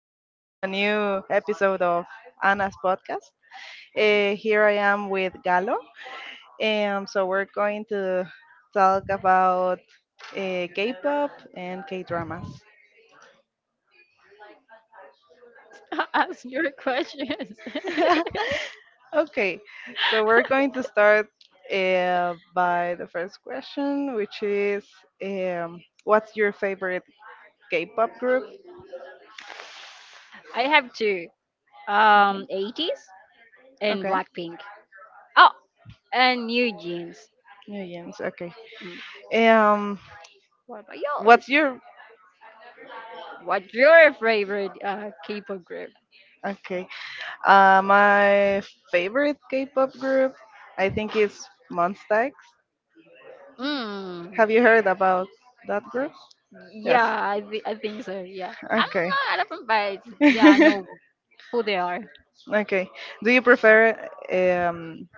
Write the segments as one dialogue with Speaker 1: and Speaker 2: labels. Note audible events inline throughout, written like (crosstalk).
Speaker 1: Welcome to a new episode of Anna's podcast. Here I am with Galo. So we're going to talk about K-pop and K-dramas.
Speaker 2: (laughs) Ask your questions. (laughs)
Speaker 1: (laughs) Okay, so we're going to start by the first question, which is, what's your favorite K-pop group?
Speaker 2: I have two. 80s and
Speaker 1: Okay,
Speaker 2: Blackpink. Oh, and New Jeans.
Speaker 1: New Jeans. Okay.
Speaker 2: Mm.
Speaker 1: Um,
Speaker 2: What about yours?
Speaker 1: what's your.
Speaker 2: What's your favorite K-pop group?
Speaker 1: Okay. My favorite K-pop group, I think, is Monsta X.
Speaker 2: Mm.
Speaker 1: Have you heard about that group? Yes.
Speaker 2: Yeah, I think so. Yeah, I'm
Speaker 1: Okay.
Speaker 2: not a fan, but yeah, I know
Speaker 1: (laughs)
Speaker 2: who they are.
Speaker 1: Okay. Do you prefer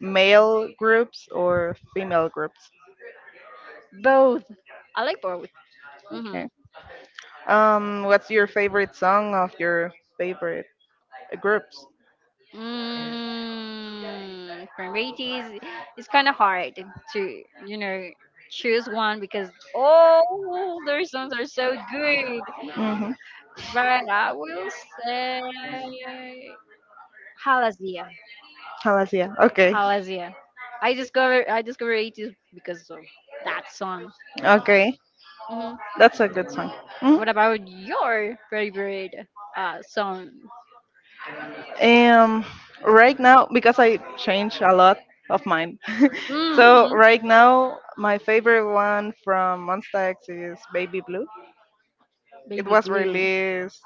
Speaker 1: male groups or female groups?
Speaker 2: Both. I like both. Mm-hmm.
Speaker 1: Okay. What's your favorite song of your favorite groups?
Speaker 2: Mm, priorities (laughs) it's kind of hard to choose one because all their songs are so good,
Speaker 1: Mm-hmm.
Speaker 2: but I will say halazia.
Speaker 1: Halasia. Okay.
Speaker 2: Halazia, i discovered 80s because of that song.
Speaker 1: Okay.
Speaker 2: Hmm.
Speaker 1: That's a good song. Mm-hmm.
Speaker 2: What about your favorite song?
Speaker 1: Um, right now, because I change a lot of mine. (laughs) So
Speaker 2: Hmm.
Speaker 1: right now, my favorite one from Monsta X is Baby Blue. It
Speaker 2: Baby
Speaker 1: was
Speaker 2: blue.
Speaker 1: released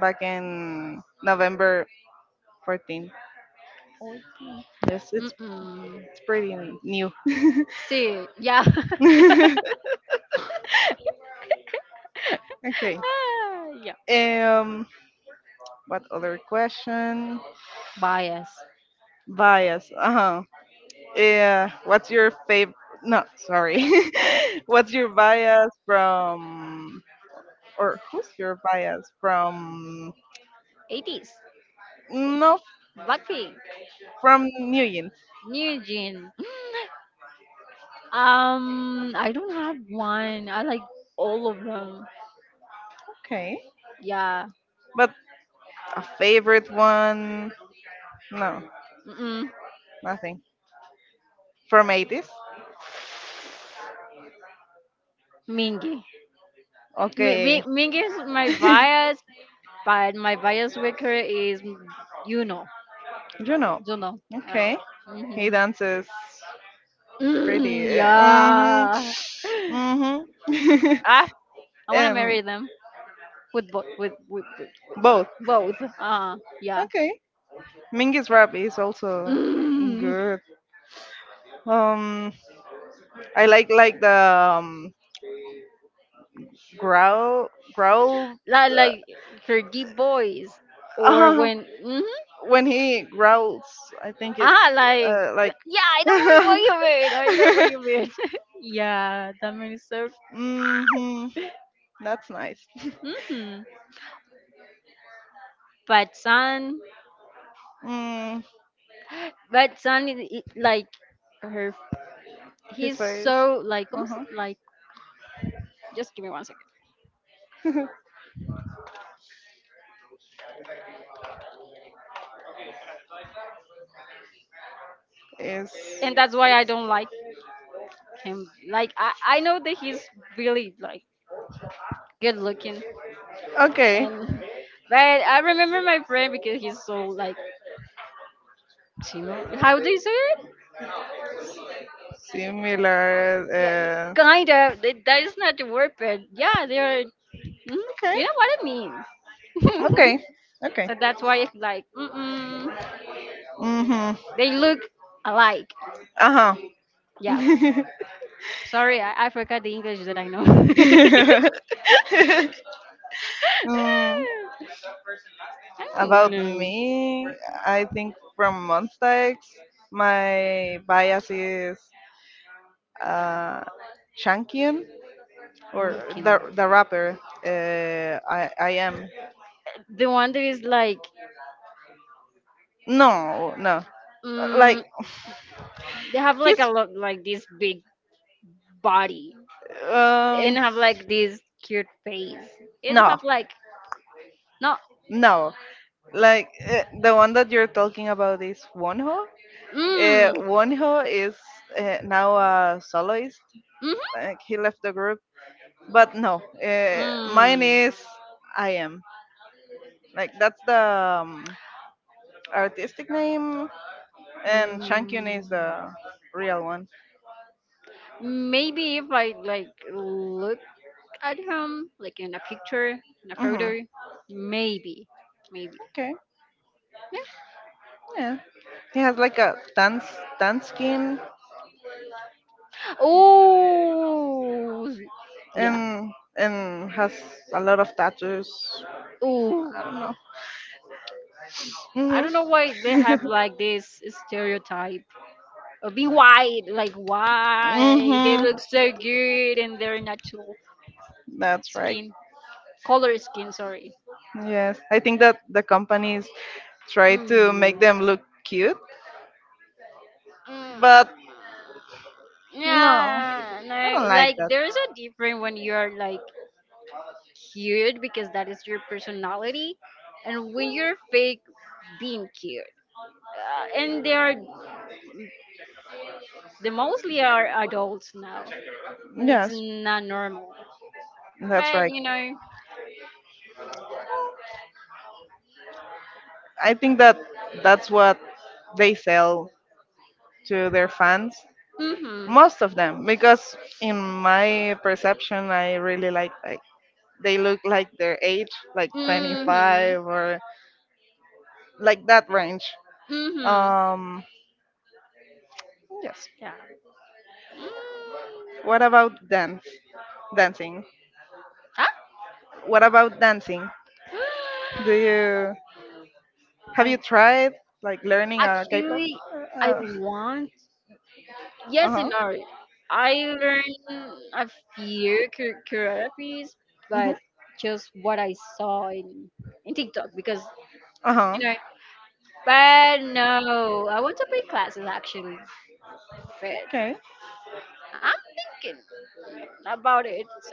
Speaker 1: back in November 14th. Yes, it's
Speaker 2: Mm-mm.
Speaker 1: it's pretty new.
Speaker 2: See, yeah.
Speaker 1: (laughs)
Speaker 2: (laughs)
Speaker 1: Okay.
Speaker 2: Ah,
Speaker 1: Um, what other question?
Speaker 2: bias.
Speaker 1: Bias. Uh huh. Yeah. What's your favorite? No, sorry. (laughs) What's your bias from, or who's your bias from?
Speaker 2: 80s.
Speaker 1: No,
Speaker 2: Blackpink.
Speaker 1: from Newgen.
Speaker 2: New Jean. (laughs) I don't have one. I like all of them.
Speaker 1: Okay,
Speaker 2: Yeah.
Speaker 1: but a favorite one? No,
Speaker 2: Mm-mm.
Speaker 1: nothing. From 80s?
Speaker 2: Mingy.
Speaker 1: Okay.
Speaker 2: Mingy is my
Speaker 1: (laughs)
Speaker 2: bias, but my bias worker is you know,
Speaker 1: You know.
Speaker 2: you know. Uh,
Speaker 1: Okay. He
Speaker 2: mhm.
Speaker 1: dances pretty.
Speaker 2: Mm, yeah.
Speaker 1: Mm-hmm. Mm-hmm.
Speaker 2: (laughs) Ah, I
Speaker 1: (laughs)
Speaker 2: wanna
Speaker 1: um,
Speaker 2: marry them with
Speaker 1: Both.
Speaker 2: Both. Yeah.
Speaker 1: Okay. Mingus rap is also
Speaker 2: Mm.
Speaker 1: good. Um, I like the growl growl.
Speaker 2: Like her deep voice, or
Speaker 1: Uh,
Speaker 2: when
Speaker 1: (laughs)
Speaker 2: mm,
Speaker 1: when he growls, I think it,
Speaker 2: ah, like
Speaker 1: like.
Speaker 2: yeah, I know what
Speaker 1: (laughs)
Speaker 2: you mean. I know what you mean. (laughs) Yeah, that means so.
Speaker 1: Hmm. That's nice.
Speaker 2: Mm-hmm. But son,
Speaker 1: Mm,
Speaker 2: but son is like her.
Speaker 1: his
Speaker 2: He's
Speaker 1: face,
Speaker 2: so like almost
Speaker 1: uh-huh,
Speaker 2: like. Just give me 1 second.
Speaker 1: is
Speaker 2: And that's why I don't like him. Like I know that he's really like good looking
Speaker 1: okay.
Speaker 2: and. (laughs) But I remember my friend because he's so like Timo, how do you say it?
Speaker 1: Similar.
Speaker 2: Yeah, kind of. That that is not the word, but yeah, they are. Mm, you
Speaker 1: Okay.
Speaker 2: know what I mean.
Speaker 1: Okay.
Speaker 2: (laughs)
Speaker 1: Okay.
Speaker 2: So that's why it's like, mm-mm,
Speaker 1: Mm-hmm.
Speaker 2: they look alike.
Speaker 1: Uh-huh.
Speaker 2: Yeah. Sorry, I forgot the English that I know. (laughs) I
Speaker 1: (laughs) Mm,
Speaker 2: don't
Speaker 1: about
Speaker 2: know.
Speaker 1: me, I think from Monsta X, my bias is uh, Shankian,
Speaker 2: I'm
Speaker 1: or
Speaker 2: looking.
Speaker 1: the rapper. I am.
Speaker 2: The one that is like,
Speaker 1: No, no,
Speaker 2: mm,
Speaker 1: like
Speaker 2: they have like a
Speaker 1: he's,
Speaker 2: lot, like this big body.
Speaker 1: um
Speaker 2: And have like this cute face. It
Speaker 1: no,
Speaker 2: have like no.
Speaker 1: no, like, the one that you're talking about is Wonho.
Speaker 2: Mm.
Speaker 1: Wonho is now a soloist.
Speaker 2: Mm-hmm.
Speaker 1: Like, he left the group, but no, mine
Speaker 2: Mm.
Speaker 1: is I am. Like that's the um, artistic name, and Shankyun
Speaker 2: Mm.
Speaker 1: is the real one.
Speaker 2: Maybe if I like look at him like in a picture, in a
Speaker 1: Hmm.
Speaker 2: photo, maybe, maybe.
Speaker 1: Okay, yeah. He has like a tan skin,
Speaker 2: Oh, yeah.
Speaker 1: and and has a lot of tattoos.
Speaker 2: Oh,
Speaker 1: I don't know.
Speaker 2: I
Speaker 1: Mhm.
Speaker 2: don't know why they have
Speaker 1: (laughs)
Speaker 2: like this stereotype. Or be white, like why they
Speaker 1: Mhm.
Speaker 2: look so good in their natural
Speaker 1: That's right.
Speaker 2: skin, color skin. Sorry.
Speaker 1: Yes, I think that the companies try to
Speaker 2: Mhm.
Speaker 1: make them look cute, but
Speaker 2: Mm.
Speaker 1: no,
Speaker 2: Yeah,
Speaker 1: I don't
Speaker 2: no,
Speaker 1: like
Speaker 2: like
Speaker 1: that.
Speaker 2: there's a different when you're like cute because that is your personality, and when you're fake being cute. And they mostly are adults now, and it's
Speaker 1: Yes,
Speaker 2: not normal.
Speaker 1: that's
Speaker 2: But
Speaker 1: right.
Speaker 2: you know,
Speaker 1: I think that that's what they sell to their fans.
Speaker 2: hmm.
Speaker 1: Most of them, because in my perception, I really like they look like their age, like
Speaker 2: Mhm.
Speaker 1: 25 or like that range.
Speaker 2: Mhm.
Speaker 1: Um, yes.
Speaker 2: Yeah. Mm.
Speaker 1: What about dance? Dancing.
Speaker 2: Ah.
Speaker 1: What about dancing? Do
Speaker 2: (gasps)
Speaker 1: you Have
Speaker 2: I
Speaker 1: you tried like learning a K-pop?
Speaker 2: actually I
Speaker 1: Uh,
Speaker 2: want
Speaker 1: uh
Speaker 2: yes and
Speaker 1: huh.
Speaker 2: no. I learned a few choreographies, but just what I saw in TikTok because
Speaker 1: Uh huh.
Speaker 2: you know. But no, I want to pay classes actually. But
Speaker 1: Okay.
Speaker 2: I'm thinking about it. So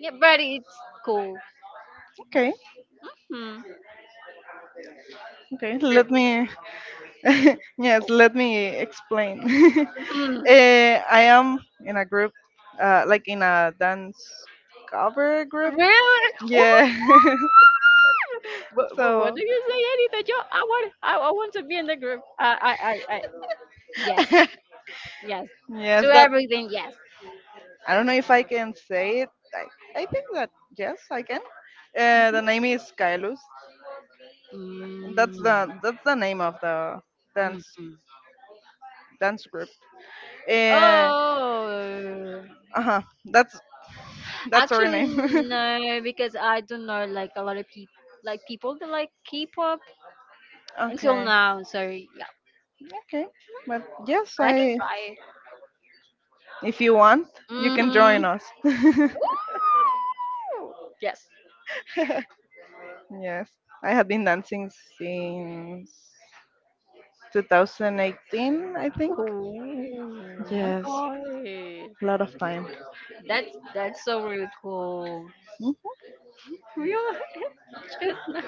Speaker 2: yeah, but it's cool.
Speaker 1: Okay.
Speaker 2: Hmm.
Speaker 1: Okay,
Speaker 2: But,
Speaker 1: let me (laughs) yes, let me explain. (laughs)
Speaker 2: mm,
Speaker 1: Eh, I am in a group, like in a dance cover group.
Speaker 2: really? Oh,
Speaker 1: Yeah, (laughs) so
Speaker 2: I yes,
Speaker 1: (laughs)
Speaker 2: yes. To
Speaker 1: yes, that,
Speaker 2: everything, yes.
Speaker 1: I don't know if I can say it. I think that yes, I can. The name is Kylus.
Speaker 2: Mm,
Speaker 1: That's
Speaker 2: no.
Speaker 1: the that's the name of the dance
Speaker 2: Mhm.
Speaker 1: dance group. Uh,
Speaker 2: Oh,
Speaker 1: uh huh. That's our
Speaker 2: actually
Speaker 1: name. (laughs)
Speaker 2: no, because I don't know like a lot of people, like people that like K-pop until
Speaker 1: Okay.
Speaker 2: now. So yeah,
Speaker 1: Okay. But yes,
Speaker 2: but I can
Speaker 1: I
Speaker 2: try it.
Speaker 1: if you want, you can
Speaker 2: Mm-hmm.
Speaker 1: join us. (laughs)
Speaker 2: Yes.
Speaker 1: Yes, I have been dancing since 2018, I think.
Speaker 2: Oh my
Speaker 1: Yes,
Speaker 2: god,
Speaker 1: a lot of time.
Speaker 2: that's so really cool. (laughs) We are (laughs) just not-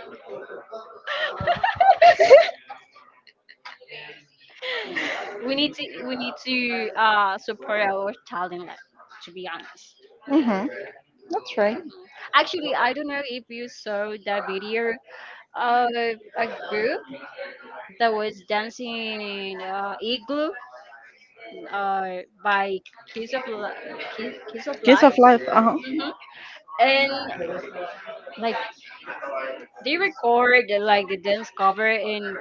Speaker 2: we need to support our talent, like, to be honest.
Speaker 1: Mm-hmm. That's right.
Speaker 2: Actually, I don't know if you saw the video of a group that was dancing Igloo by Kiss of Li- Kiss, Kiss of
Speaker 1: Case
Speaker 2: Life.
Speaker 1: of Life. Uh-huh.
Speaker 2: Hmm. And like they record like the dance cover and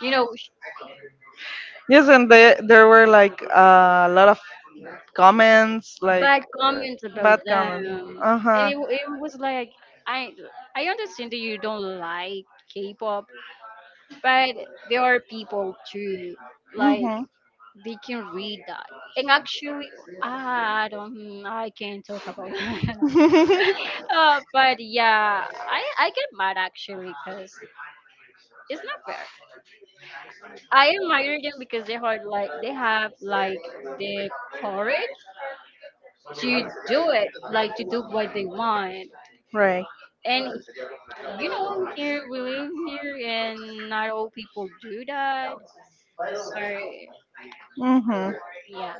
Speaker 2: you know sh-
Speaker 1: Yes, and there were like a lot of comments, like,
Speaker 2: bad
Speaker 1: uh,
Speaker 2: comments about
Speaker 1: bad comments.
Speaker 2: them.
Speaker 1: Uh
Speaker 2: And
Speaker 1: huh.
Speaker 2: it, it was like I I understand that you don't like K-pop, but there are people too like
Speaker 1: Mm-hmm.
Speaker 2: they can read that. And actually, I can't talk about that. (laughs) But yeah, I get mad actually because it's not fair. I admire them because they are like they have like the courage to do it, like to do what they want.
Speaker 1: (laughs) Right.
Speaker 2: And you know, here we live here, and not all people do that. So
Speaker 1: Mm-hmm.
Speaker 2: yeah.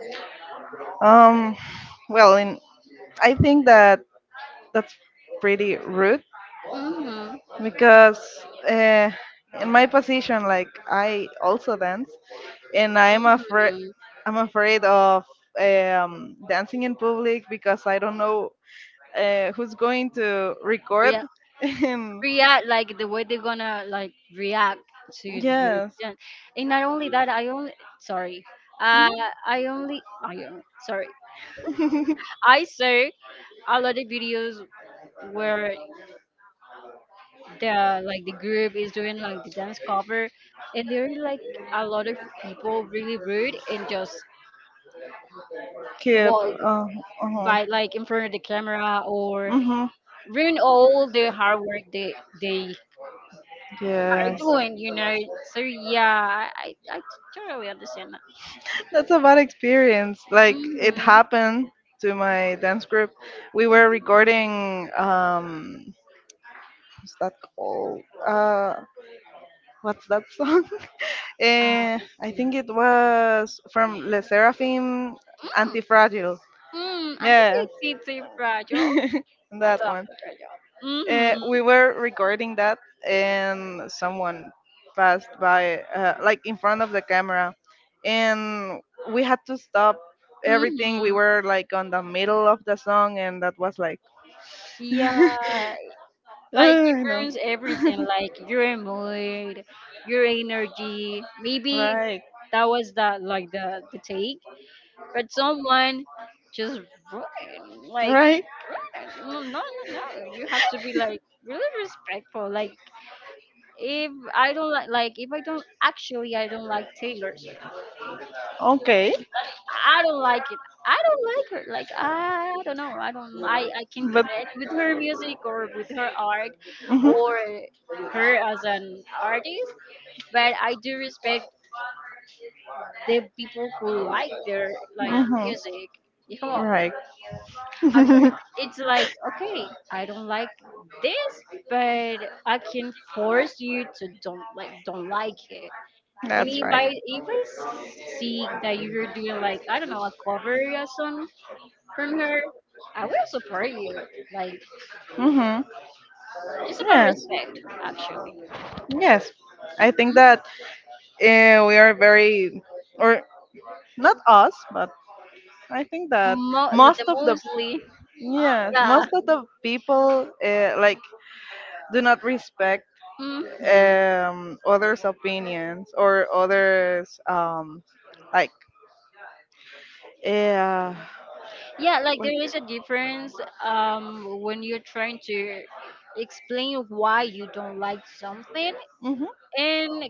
Speaker 1: Um, well, I think that that's pretty rude,
Speaker 2: Mhm.
Speaker 1: because, uh, in my position, like, I also dance, and I'm afraid
Speaker 2: Mhm.
Speaker 1: I'm afraid of, dancing in public, because I don't know, who's going to
Speaker 2: We
Speaker 1: record. (laughs) And
Speaker 2: react like the way they're gonna like react to your
Speaker 1: yes,
Speaker 2: gen- and not only that I only sorry, uh sorry,
Speaker 1: (laughs)
Speaker 2: I saw a lot of videos where the like the group is doing like the dance cover and there are like a lot of people really rude and just
Speaker 1: keep.
Speaker 2: walk
Speaker 1: Uh-huh.
Speaker 2: by like in front of the camera or
Speaker 1: Mhm.
Speaker 2: ruin all the hard work they are
Speaker 1: Yes.
Speaker 2: doing you know. So yeah, I totally understand.
Speaker 1: That's a bad experience. Like, it
Speaker 2: Mhm,
Speaker 1: happened to my dance group. We were recording, what's that called? What's that song? (laughs) Eh,
Speaker 2: ah.
Speaker 1: I think it was from Le Seraphim. Antifragile.
Speaker 2: Mm,
Speaker 1: Yes.
Speaker 2: anti-TT
Speaker 1: (laughs)
Speaker 2: fragile and
Speaker 1: That
Speaker 2: the
Speaker 1: one.
Speaker 2: fragile. Mhm,
Speaker 1: We were recording that, and someone passed by, like in front of the camera, and we had to stop everything. We
Speaker 2: mhm.
Speaker 1: were like on the middle of the song, and that was like, (laughs)
Speaker 2: Yeah,
Speaker 1: I
Speaker 2: like it
Speaker 1: know,
Speaker 2: ruins everything.
Speaker 1: (laughs)
Speaker 2: Like your mood, your energy. Maybe
Speaker 1: right,
Speaker 2: that was the like the take, but someone just ruined. Like
Speaker 1: right,
Speaker 2: ruined. No, no, no, no. You have to be like really respectful. Like if I don't like if I don't actually, I don't like Taylor Swift.
Speaker 1: okay,
Speaker 2: I don't like it. I don't like her. Like I, don't know. I don't. I can
Speaker 1: but.
Speaker 2: connect with her music or with her art,
Speaker 1: Mhm.
Speaker 2: or her as an artist. But I do respect the people who like their like
Speaker 1: Mhm.
Speaker 2: music. You come on.
Speaker 1: Right.
Speaker 2: I'm sorry.
Speaker 1: (laughs)
Speaker 2: It's like okay, I don't like this, but I can force you to don't like it. And
Speaker 1: That's right.
Speaker 2: if I see that you're doing like I don't know a cover or a song, from her. I will support you, like
Speaker 1: Mhm.
Speaker 2: just about
Speaker 1: Yes.
Speaker 2: respect, actually.
Speaker 1: Yes. I think that, we are very, or not us, but I think that
Speaker 2: Mo- like,
Speaker 1: most
Speaker 2: the
Speaker 1: of the
Speaker 2: mostly,
Speaker 1: yeah,
Speaker 2: yeah.
Speaker 1: most of the people, like, do not respect,
Speaker 2: Hmm.
Speaker 1: others' opinions, or others, like, yeah,
Speaker 2: Yeah, like there is
Speaker 1: like,
Speaker 2: a difference when you're trying to explain why you don't like something,
Speaker 1: mhm,
Speaker 2: and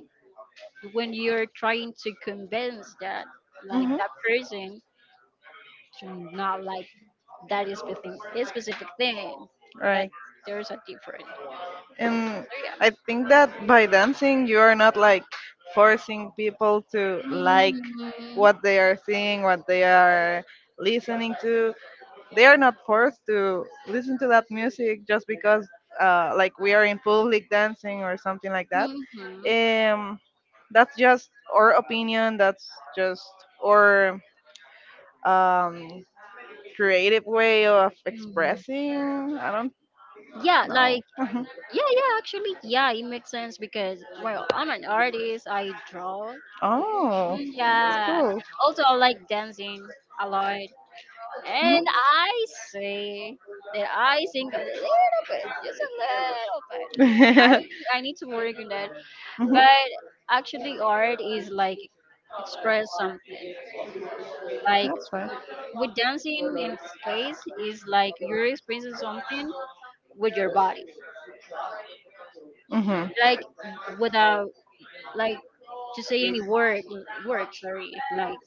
Speaker 2: when you're trying to convince that like
Speaker 1: mhm,
Speaker 2: that person to not like that specific thing that
Speaker 1: right.
Speaker 2: there's a difference.
Speaker 1: And
Speaker 2: So yeah.
Speaker 1: I think that by dancing, you are not like forcing people to like
Speaker 2: Mhm,
Speaker 1: what they are seeing, what they are listening to. They are not forced to listen to that music just because, like we are in public dancing or something like that.
Speaker 2: mhm.
Speaker 1: um, that's just our opinion. That's just our, um, creative way of
Speaker 2: Mm.
Speaker 1: expressing. I don't
Speaker 2: Yeah,
Speaker 1: know.
Speaker 2: like
Speaker 1: (laughs)
Speaker 2: yeah, yeah, actually, yeah, it makes sense because well, I'm an artist, I draw.
Speaker 1: Oh, that's
Speaker 2: Yeah.
Speaker 1: cool.
Speaker 2: Also I like dancing a lot. And I say that I sing a little bit, just a little bit.
Speaker 1: Mhm.
Speaker 2: I need to work on that.
Speaker 1: (laughs) Mhm.
Speaker 2: But actually art is like express something. Like
Speaker 1: That's right.
Speaker 2: with dancing in this case is like you're experiencing something with your body.
Speaker 1: Mm-hmm.
Speaker 2: Like without like to say any word word sorry like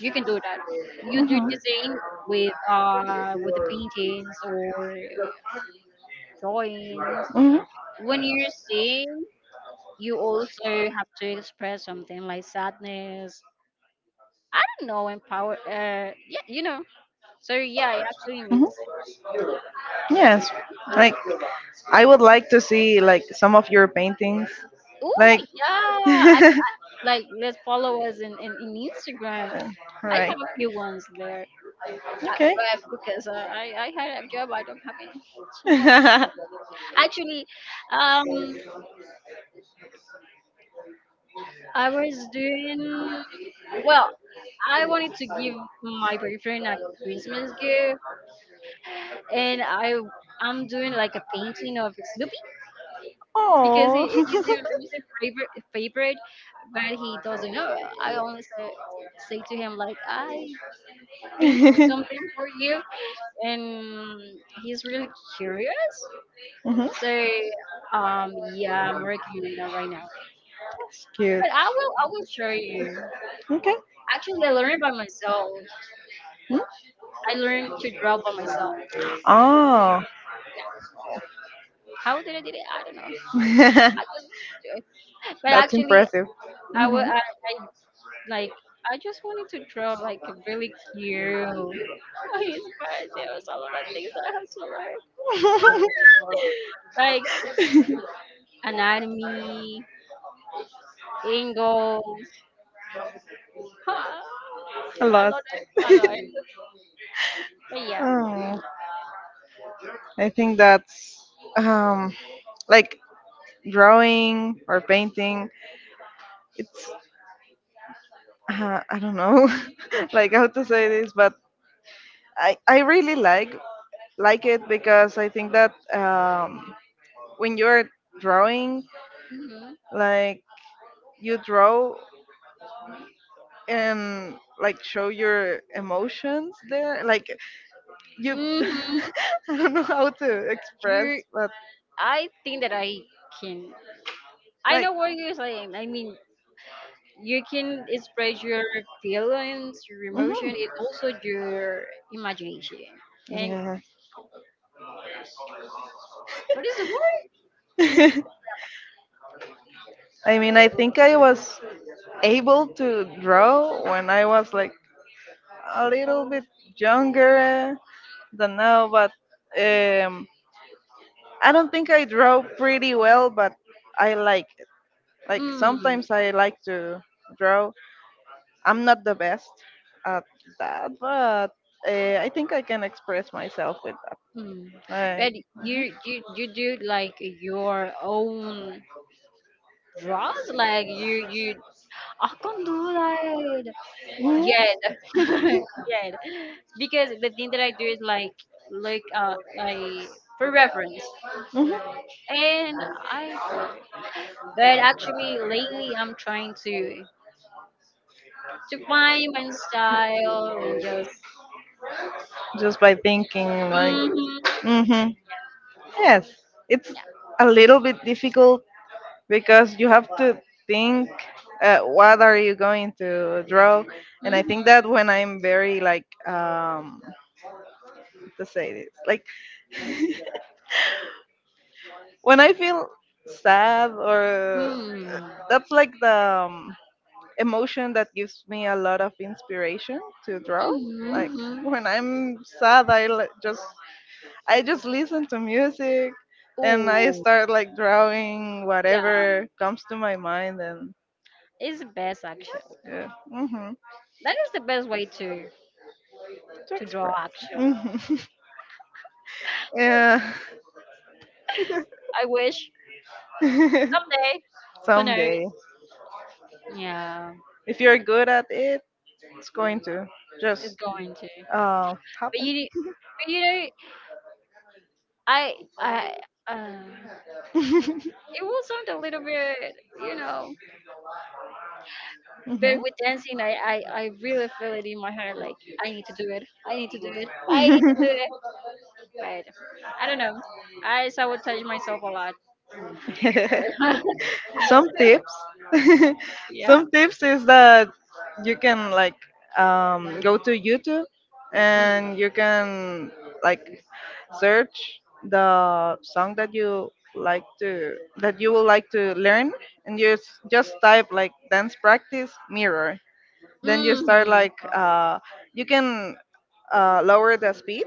Speaker 2: you can do that. You do
Speaker 1: Mm-hmm.
Speaker 2: the same with the paintings or drawings.
Speaker 1: Mm-hmm.
Speaker 2: When you're seeing you also have to express something like sadness, I don't know, empower, yeah, you know. So yeah, it actually makes
Speaker 1: People.
Speaker 2: sense.
Speaker 1: Hmm. Yes.
Speaker 2: Mhm.
Speaker 1: Like, I would like to see like some of your paintings.
Speaker 2: Oh,
Speaker 1: Like,
Speaker 2: yeah. I,
Speaker 1: (laughs)
Speaker 2: like let's follow us in, in Instagram.
Speaker 1: all
Speaker 2: I
Speaker 1: right.
Speaker 2: have a few ones there at
Speaker 1: Okay.
Speaker 2: web because I had a job. I don't have any (laughs) so much.
Speaker 1: (laughs)
Speaker 2: Actually, um, I was doing well. I wanted to give my boyfriend a Christmas gift, and I'm doing like a painting of Snoopy because
Speaker 1: Oh.
Speaker 2: he's
Speaker 1: (laughs)
Speaker 2: his favorite, but he doesn't know. I only say to him like I painting something for you, and he's really curious.
Speaker 1: Mhm.
Speaker 2: So yeah, I'm working on that right now.
Speaker 1: That's cute.
Speaker 2: But I will show you.
Speaker 1: Okay.
Speaker 2: Actually, I learned by myself.
Speaker 1: Mm.
Speaker 2: I learned to draw by myself.
Speaker 1: Oh.
Speaker 2: How did I did it? I don't know. I
Speaker 1: (laughs)
Speaker 2: just do it. But
Speaker 1: That's
Speaker 2: actually,
Speaker 1: impressive. Mhm.
Speaker 2: I like I just wanted to draw like a really cute. (laughs) Oh, his birthday was a lot of things that I have to learn,
Speaker 1: (laughs)
Speaker 2: like anatomy, angles, (laughs) huh,
Speaker 1: A
Speaker 2: a
Speaker 1: lot.
Speaker 2: lot, a lot.
Speaker 1: (laughs)
Speaker 2: But yeah.
Speaker 1: Oh, I think that's, um, like, drawing or painting. It's, I don't know, (laughs) like how to say this, but I really like it, because I think that, when you're drawing,
Speaker 2: Mhm.
Speaker 1: like, you draw and like show your emotions there, like, you
Speaker 2: Mhm.
Speaker 1: (laughs) I don't know how to express,
Speaker 2: You're.
Speaker 1: but
Speaker 2: I think that I can. I
Speaker 1: like.
Speaker 2: know what you're saying. I mean, you can express your feelings, your emotion,
Speaker 1: Mhm,
Speaker 2: and also your imagination. And
Speaker 1: yeah.
Speaker 2: what is the word?
Speaker 1: (laughs) I mean, I think I was able to draw when I was like a little bit younger than now, but, um, I don't think I draw pretty well, but I like it. Like
Speaker 2: Mm,
Speaker 1: sometimes I like to draw. I'm not the best at that, but, I think I can express myself with
Speaker 2: mm.
Speaker 1: that.
Speaker 2: But you do like your own draws, like you. I can't do that
Speaker 1: Like,
Speaker 2: yet,
Speaker 1: (laughs)
Speaker 2: (laughs) yet.
Speaker 1: (laughs)
Speaker 2: Because the thing that I do is like look like for reference,
Speaker 1: hmm.
Speaker 2: and I draw. But actually, lately I'm trying to. To find my style and just
Speaker 1: Just by thinking, like,
Speaker 2: hmm
Speaker 1: mhm, hmm, yes, it's
Speaker 2: yeah
Speaker 1: a little bit difficult, because you have to think, what are you going to draw, and I think
Speaker 2: hmm
Speaker 1: that when I'm very like, to say this, like, (laughs) when I feel sad, or
Speaker 2: mm,
Speaker 1: that's like the, emotion that gives me a lot of inspiration to draw. Like
Speaker 2: hmm.
Speaker 1: when I'm sad, I just listen to music, and I
Speaker 2: Oh,
Speaker 1: start like drawing
Speaker 2: yeah,
Speaker 1: whatever comes to my mind, and
Speaker 2: it's the best actually.
Speaker 1: yeah, hmm,
Speaker 2: That is the best way
Speaker 1: to
Speaker 2: to draw
Speaker 1: express.
Speaker 2: actually.
Speaker 1: Hmm. (laughs) Yeah,
Speaker 2: I wish someday,
Speaker 1: (laughs)
Speaker 2: who knows,
Speaker 1: someday,
Speaker 2: yeah,
Speaker 1: if you're good at it, it's going to
Speaker 2: it's
Speaker 1: just,
Speaker 2: going to. But
Speaker 1: happen.
Speaker 2: but you know I uh,
Speaker 1: (laughs)
Speaker 2: it will sound a little bit you know but with dancing I really feel it in my heart like
Speaker 1: Hmm.
Speaker 2: I need to do it I need to do it I need to do it. But
Speaker 1: (laughs)
Speaker 2: I don't know. I sabotage myself a lot. (laughs)
Speaker 1: some tips (laughs)
Speaker 2: Yeah.
Speaker 1: Some tips is that you can like, go to YouTube,
Speaker 2: Mm-hmm.
Speaker 1: and you can like search the song that you like to that you would like to learn, and just type like dance practice mirror, then you start
Speaker 2: Mm-hmm.
Speaker 1: like, you can, lower the speed.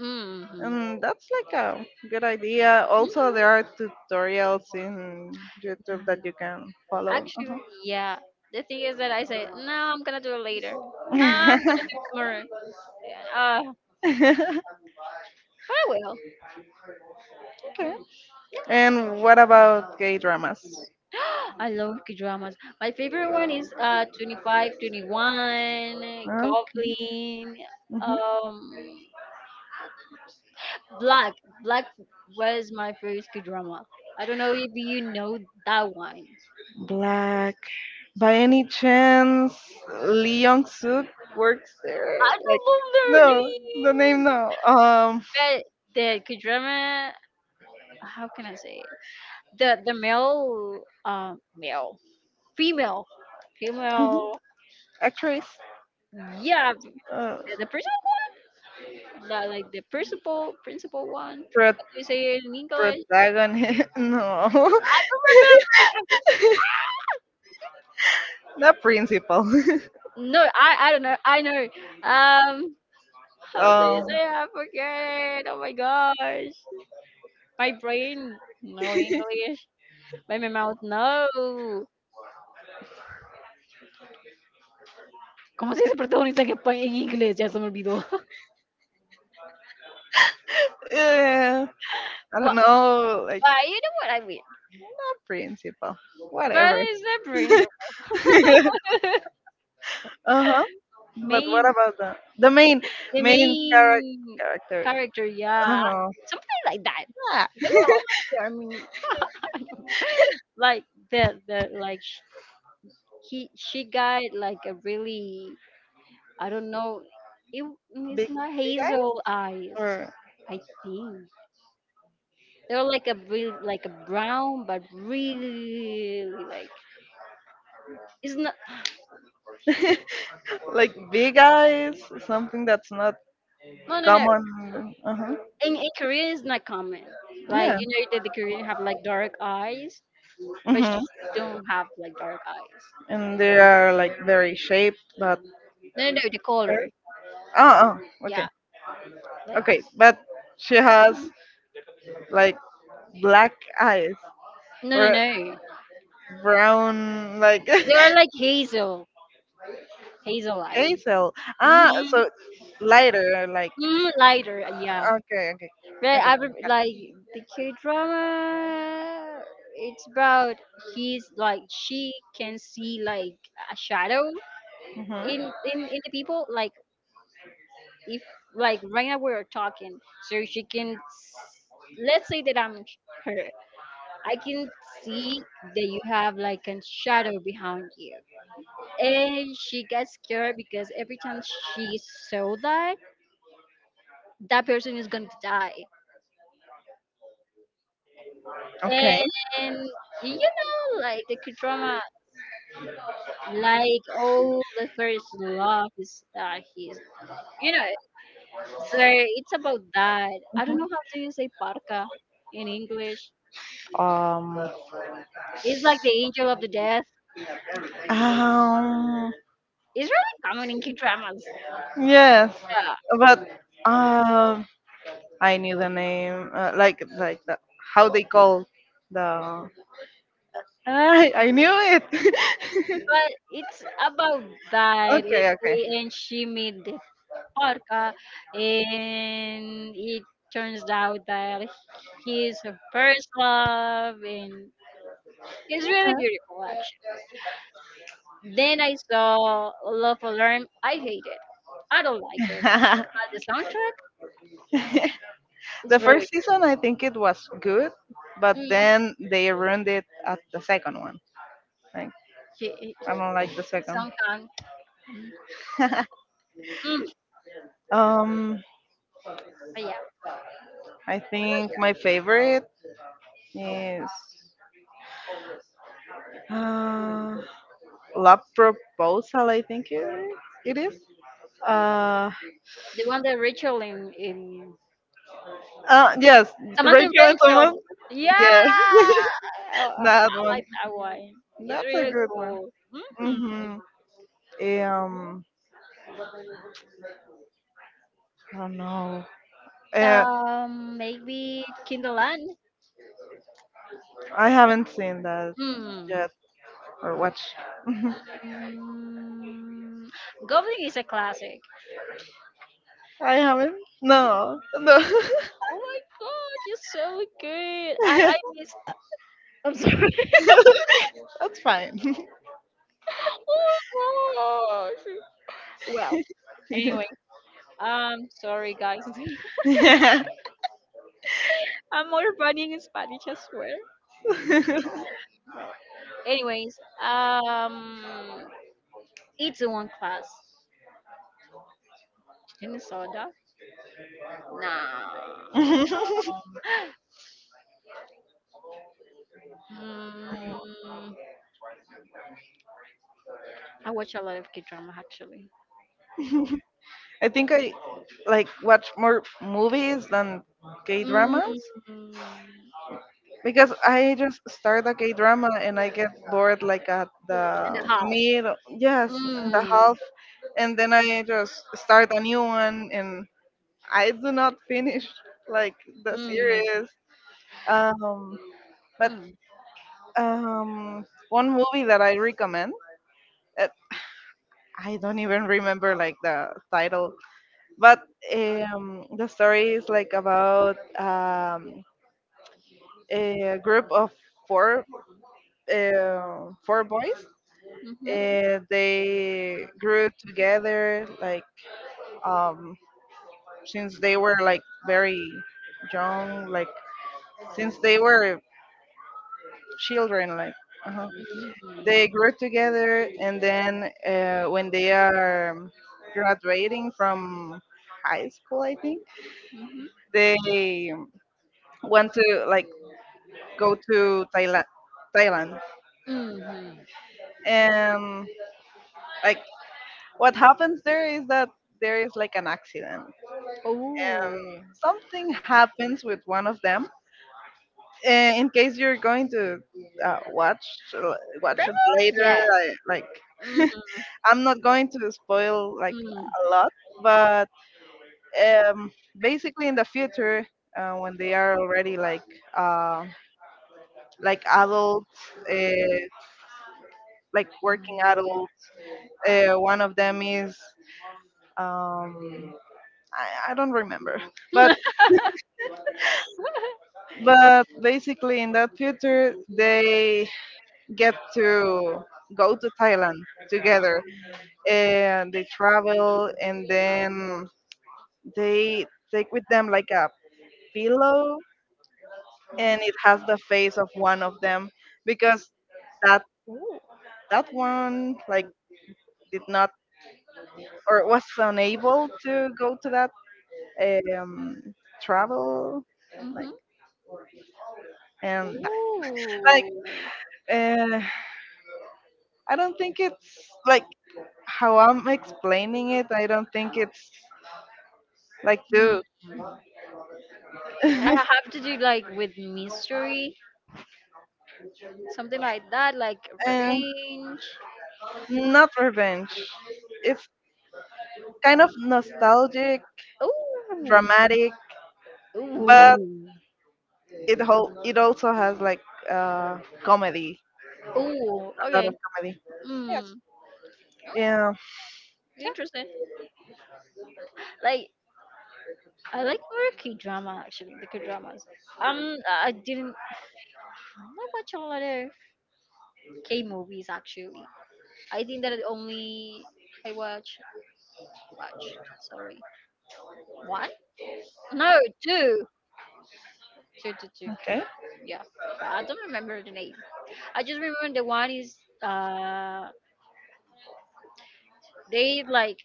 Speaker 2: Mm-hmm.
Speaker 1: That's like a good idea. Also, there are tutorials in YouTube
Speaker 2: Yeah.
Speaker 1: that you can follow. Uh-huh.
Speaker 2: Actually, yeah. The thing is that I say, no, I'm gonna do it later. I'm gonna do it tomorrow. Yeah.
Speaker 1: (laughs)
Speaker 2: But I will.
Speaker 1: Okay. And what about gay dramas?
Speaker 2: (gasps) I love K-dramas. My favorite one is 25 21,
Speaker 1: Okay.
Speaker 2: Goblin,
Speaker 1: Mhm.
Speaker 2: um, Black. Black was my first K-drama. I don't know if you know that one.
Speaker 1: Black. By any chance, Lee Young Suk works there?
Speaker 2: I
Speaker 1: Like,
Speaker 2: don't know their
Speaker 1: no, the name,
Speaker 2: names.
Speaker 1: no.
Speaker 2: But the K-drama, how can I say it? The male, male, female,
Speaker 1: Mhm,
Speaker 2: female.
Speaker 1: actress,
Speaker 2: Yeah,
Speaker 1: uh,
Speaker 2: the principal one, the, like the principal one.
Speaker 1: pro-
Speaker 2: How do you say it in English?
Speaker 1: protagonist. (laughs) No,
Speaker 2: I
Speaker 1: (laughs)
Speaker 2: don't
Speaker 1: not principal. (laughs)
Speaker 2: remember. No, I don't know. I know. Um, how do you
Speaker 1: um,
Speaker 2: say? It? I forget. Oh my gosh, my brain no English, but my mouth no. Como si ese protagonista en, espa- en inglés, ya se me olvidó. (laughs)
Speaker 1: eh, I don't
Speaker 2: Well,
Speaker 1: know, like,
Speaker 2: but you know what I mean.
Speaker 1: not principal.
Speaker 2: But
Speaker 1: Whatever.
Speaker 2: it's the principal.
Speaker 1: (laughs) Uh huh.
Speaker 2: (laughs)
Speaker 1: But what
Speaker 2: Main,
Speaker 1: about the main
Speaker 2: the
Speaker 1: main character?
Speaker 2: main
Speaker 1: Character.
Speaker 2: character,
Speaker 1: Uh
Speaker 2: yeah,
Speaker 1: huh.
Speaker 2: something like that.
Speaker 1: Yeah.
Speaker 2: They
Speaker 1: (laughs)
Speaker 2: were all after me. Like the the like sh- he she got like a really I don't know. It it's
Speaker 1: Big
Speaker 2: not
Speaker 1: big eyes,
Speaker 2: hazel eyes.
Speaker 1: or
Speaker 2: I think they're like a really like a brown, but really like it's not. (sighs)
Speaker 1: like big eyes, something that's not
Speaker 2: No, no, no.
Speaker 1: common. Uh huh.
Speaker 2: In Korea is not common. Like
Speaker 1: Yeah.
Speaker 2: you know that the Korean have like dark eyes, but she
Speaker 1: Mm-hmm.
Speaker 2: don't have like dark eyes.
Speaker 1: And
Speaker 2: Like
Speaker 1: they are like very shaped, but,
Speaker 2: no, no, no, the color.
Speaker 1: oh, oh,
Speaker 2: Yeah.
Speaker 1: okay,
Speaker 2: Like
Speaker 1: okay. But she has like black eyes,
Speaker 2: no, no,
Speaker 1: or
Speaker 2: no.
Speaker 1: brown like
Speaker 2: They are like hazel. Hazel
Speaker 1: (laughs)
Speaker 2: eye.
Speaker 1: hazel. Ah,
Speaker 2: Mm-hmm.
Speaker 1: so lighter, like,
Speaker 2: Mm, lighter, yeah.
Speaker 1: okay, okay.
Speaker 2: But like the K drama it's about he's like she can see like a shadow in
Speaker 1: Hmm.
Speaker 2: in in the people like if like right now we're talking, so let's say that I'm her, I can see that you have like a shadow behind you, and she gets scared because every time she saw that person is going to die.
Speaker 1: Okay.
Speaker 2: And you know, like the K drama, like all the first love is that he's you know so it's about that. I don't know how do you say parka in English.
Speaker 1: Um,
Speaker 2: He's like the angel of the death.
Speaker 1: Um.
Speaker 2: It's really common in K dramas.
Speaker 1: Yes,
Speaker 2: Yeah,
Speaker 1: but, um, I knew the name. Like the, how they call the. (laughs) I knew it. (laughs)
Speaker 2: but it's about that,
Speaker 1: Okay.
Speaker 2: and,
Speaker 1: Okay.
Speaker 2: and she made the parka, and it turns out that he's her first love, and it's really beautiful actually. Then I saw Love Alarm. I hate it. I don't like it.
Speaker 1: Okay.
Speaker 2: But the soundtrack
Speaker 1: (laughs)
Speaker 2: is
Speaker 1: The first
Speaker 2: really
Speaker 1: season, I think, it was good, but
Speaker 2: mm,
Speaker 1: then they ruined it at the second one. Like,
Speaker 2: she-
Speaker 1: I don't like the second.
Speaker 2: song can- mm,
Speaker 1: (laughs) um,
Speaker 2: but yeah,
Speaker 1: I think my favorite is, uh, Love Proposal. I think it is. Uh,
Speaker 2: the one that Rachel in
Speaker 1: yes,
Speaker 2: Samantha and
Speaker 1: Rachel and
Speaker 2: Rachel.
Speaker 1: Thomas.
Speaker 2: Yeah,
Speaker 1: Yeah,
Speaker 2: I, I
Speaker 1: (laughs) that
Speaker 2: I
Speaker 1: one.
Speaker 2: like that one. It's
Speaker 1: That's a
Speaker 2: really
Speaker 1: good one.
Speaker 2: cool. Hmm.
Speaker 1: Mhm. Um, I don't know. Uh,
Speaker 2: Maybe Kindleland.
Speaker 1: I haven't seen that
Speaker 2: Hmm.
Speaker 1: yet, or watched. (laughs)
Speaker 2: Mm, Goblin is a classic.
Speaker 1: I haven't. No, no.
Speaker 2: Oh my god, you're so good. I
Speaker 1: (laughs)
Speaker 2: missed. I'm sorry. (laughs)
Speaker 1: That's fine. (laughs)
Speaker 2: Oh gosh. Well, anyway, sorry guys. (laughs)
Speaker 1: Yeah.
Speaker 2: I'm more funny in Spanish, I swear.
Speaker 1: (laughs)
Speaker 2: Well, anyways, it's one class. Any soda? Nah.
Speaker 1: I
Speaker 2: Mm, I watch a lot of K drama actually.
Speaker 1: think I like watch more movies than K dramas,
Speaker 2: Mm,
Speaker 1: because I just start a K drama and I get bored like at the
Speaker 2: and a half.
Speaker 1: mid, yes, in the
Speaker 2: Mm,
Speaker 1: half, and then I just start a new one and I do not finish like the
Speaker 2: mm,
Speaker 1: series. Um, but,
Speaker 2: mm,
Speaker 1: one movie that I recommend, uh, I don't even remember like the title, but, the story is like about, a group of four four boys.
Speaker 2: mm-hmm,
Speaker 1: They grew together, like, um, since they were like very young, like, since they were children, like. uh
Speaker 2: mm-hmm,
Speaker 1: They grew together, and then, when they are graduating from high school, I think, they want to like go to Thailand. Thailand,
Speaker 2: mm-hmm.
Speaker 1: and, like, what happens there is that there is like an accident, and
Speaker 2: Oh,
Speaker 1: something happens with one of them. In case you're going to uh, watch watch it
Speaker 2: probably
Speaker 1: later,
Speaker 2: yes. Mm-hmm,
Speaker 1: like,
Speaker 2: mm,
Speaker 1: (laughs) I'm not going to spoil like
Speaker 2: mm.
Speaker 1: a lot, but, basically in the future, when they are already like, uh, like adults, uh, like working adults. One of them is, um, I don't remember,
Speaker 2: (laughs)
Speaker 1: but basically in that future they get to go to Thailand together, and they travel, and then they take with them like a pillow, and it has the face of one of them, because that
Speaker 2: Ooh.
Speaker 1: that one like did not, or was unable to go to that, um, travel, like,
Speaker 2: Mm-hmm.
Speaker 1: um, like,
Speaker 2: Ooh.
Speaker 1: uh, I don't think it's like how I'm explaining it. I don't think it's like
Speaker 2: Mm.
Speaker 1: do,
Speaker 2: I have to do like with mystery. Something like that, like
Speaker 1: uh,
Speaker 2: revenge.
Speaker 1: (laughs) not revenge. It's kind of nostalgic,
Speaker 2: Ooh,
Speaker 1: dramatic, but
Speaker 2: ooh,
Speaker 1: it whole it also has like, uh, comedy,
Speaker 2: ooh,
Speaker 1: a lot
Speaker 2: okay.
Speaker 1: of comedy.
Speaker 2: Mm,
Speaker 1: Yeah.
Speaker 2: interesting. Like I like more K drama actually, the K dramas. I didn't. I don't like watch a lot of K movies actually. I think that only I watch watched. Sorry, one? No, two. Two, two, two.
Speaker 1: Okay.
Speaker 2: Yeah, but I don't remember the name. I just remember the one is they like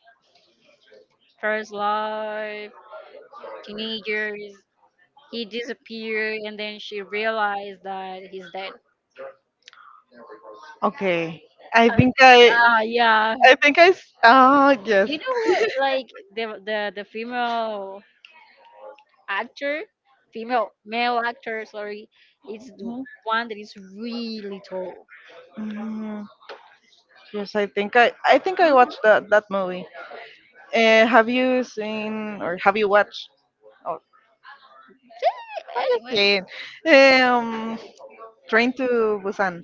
Speaker 2: first love teenagers. He disappeared, and then she realized that he's dead.
Speaker 1: Okay. I
Speaker 2: Uh,
Speaker 1: think I
Speaker 2: yeah.
Speaker 1: I think I s- Ah yes.
Speaker 2: You know what? Like the female actor, female male actor. Sorry, it's the one that is really tall.
Speaker 1: Mhm. Yes, I think I watched that movie. Have you seen, or have you watched? Oh,
Speaker 2: (laughs)
Speaker 1: have you
Speaker 2: Anyway,
Speaker 1: seen, Um, Train to Busan.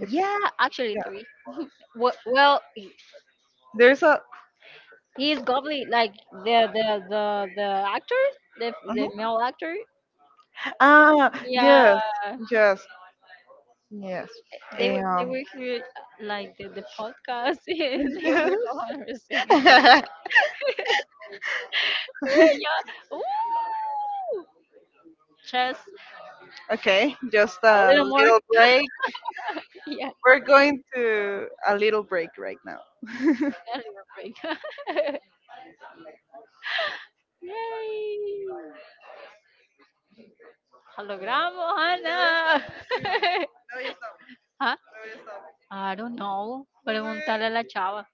Speaker 1: It's.
Speaker 2: yeah, actually
Speaker 1: Yeah.
Speaker 2: three. Wh- Well, he-
Speaker 1: There's a.
Speaker 2: he's goblin. Like the actor, the
Speaker 1: Mhm.
Speaker 2: male actor.
Speaker 1: Ah,
Speaker 2: Yeah,
Speaker 1: yes, yes, yes.
Speaker 2: They
Speaker 1: Um,
Speaker 2: were here like the podcast (laughs) and they were all singing.
Speaker 1: (laughs)
Speaker 2: (laughs) Yeah. Ooh. Just
Speaker 1: okay, just
Speaker 2: a
Speaker 1: a
Speaker 2: little more.
Speaker 1: little
Speaker 2: (laughs)
Speaker 1: break.
Speaker 2: Yeah.
Speaker 1: We're going to a little break right now. (laughs)
Speaker 2: A little break. (laughs) Yay. Lo Logramos, Ana. (laughs) Huh? I don't know. Preguntarle a la chava.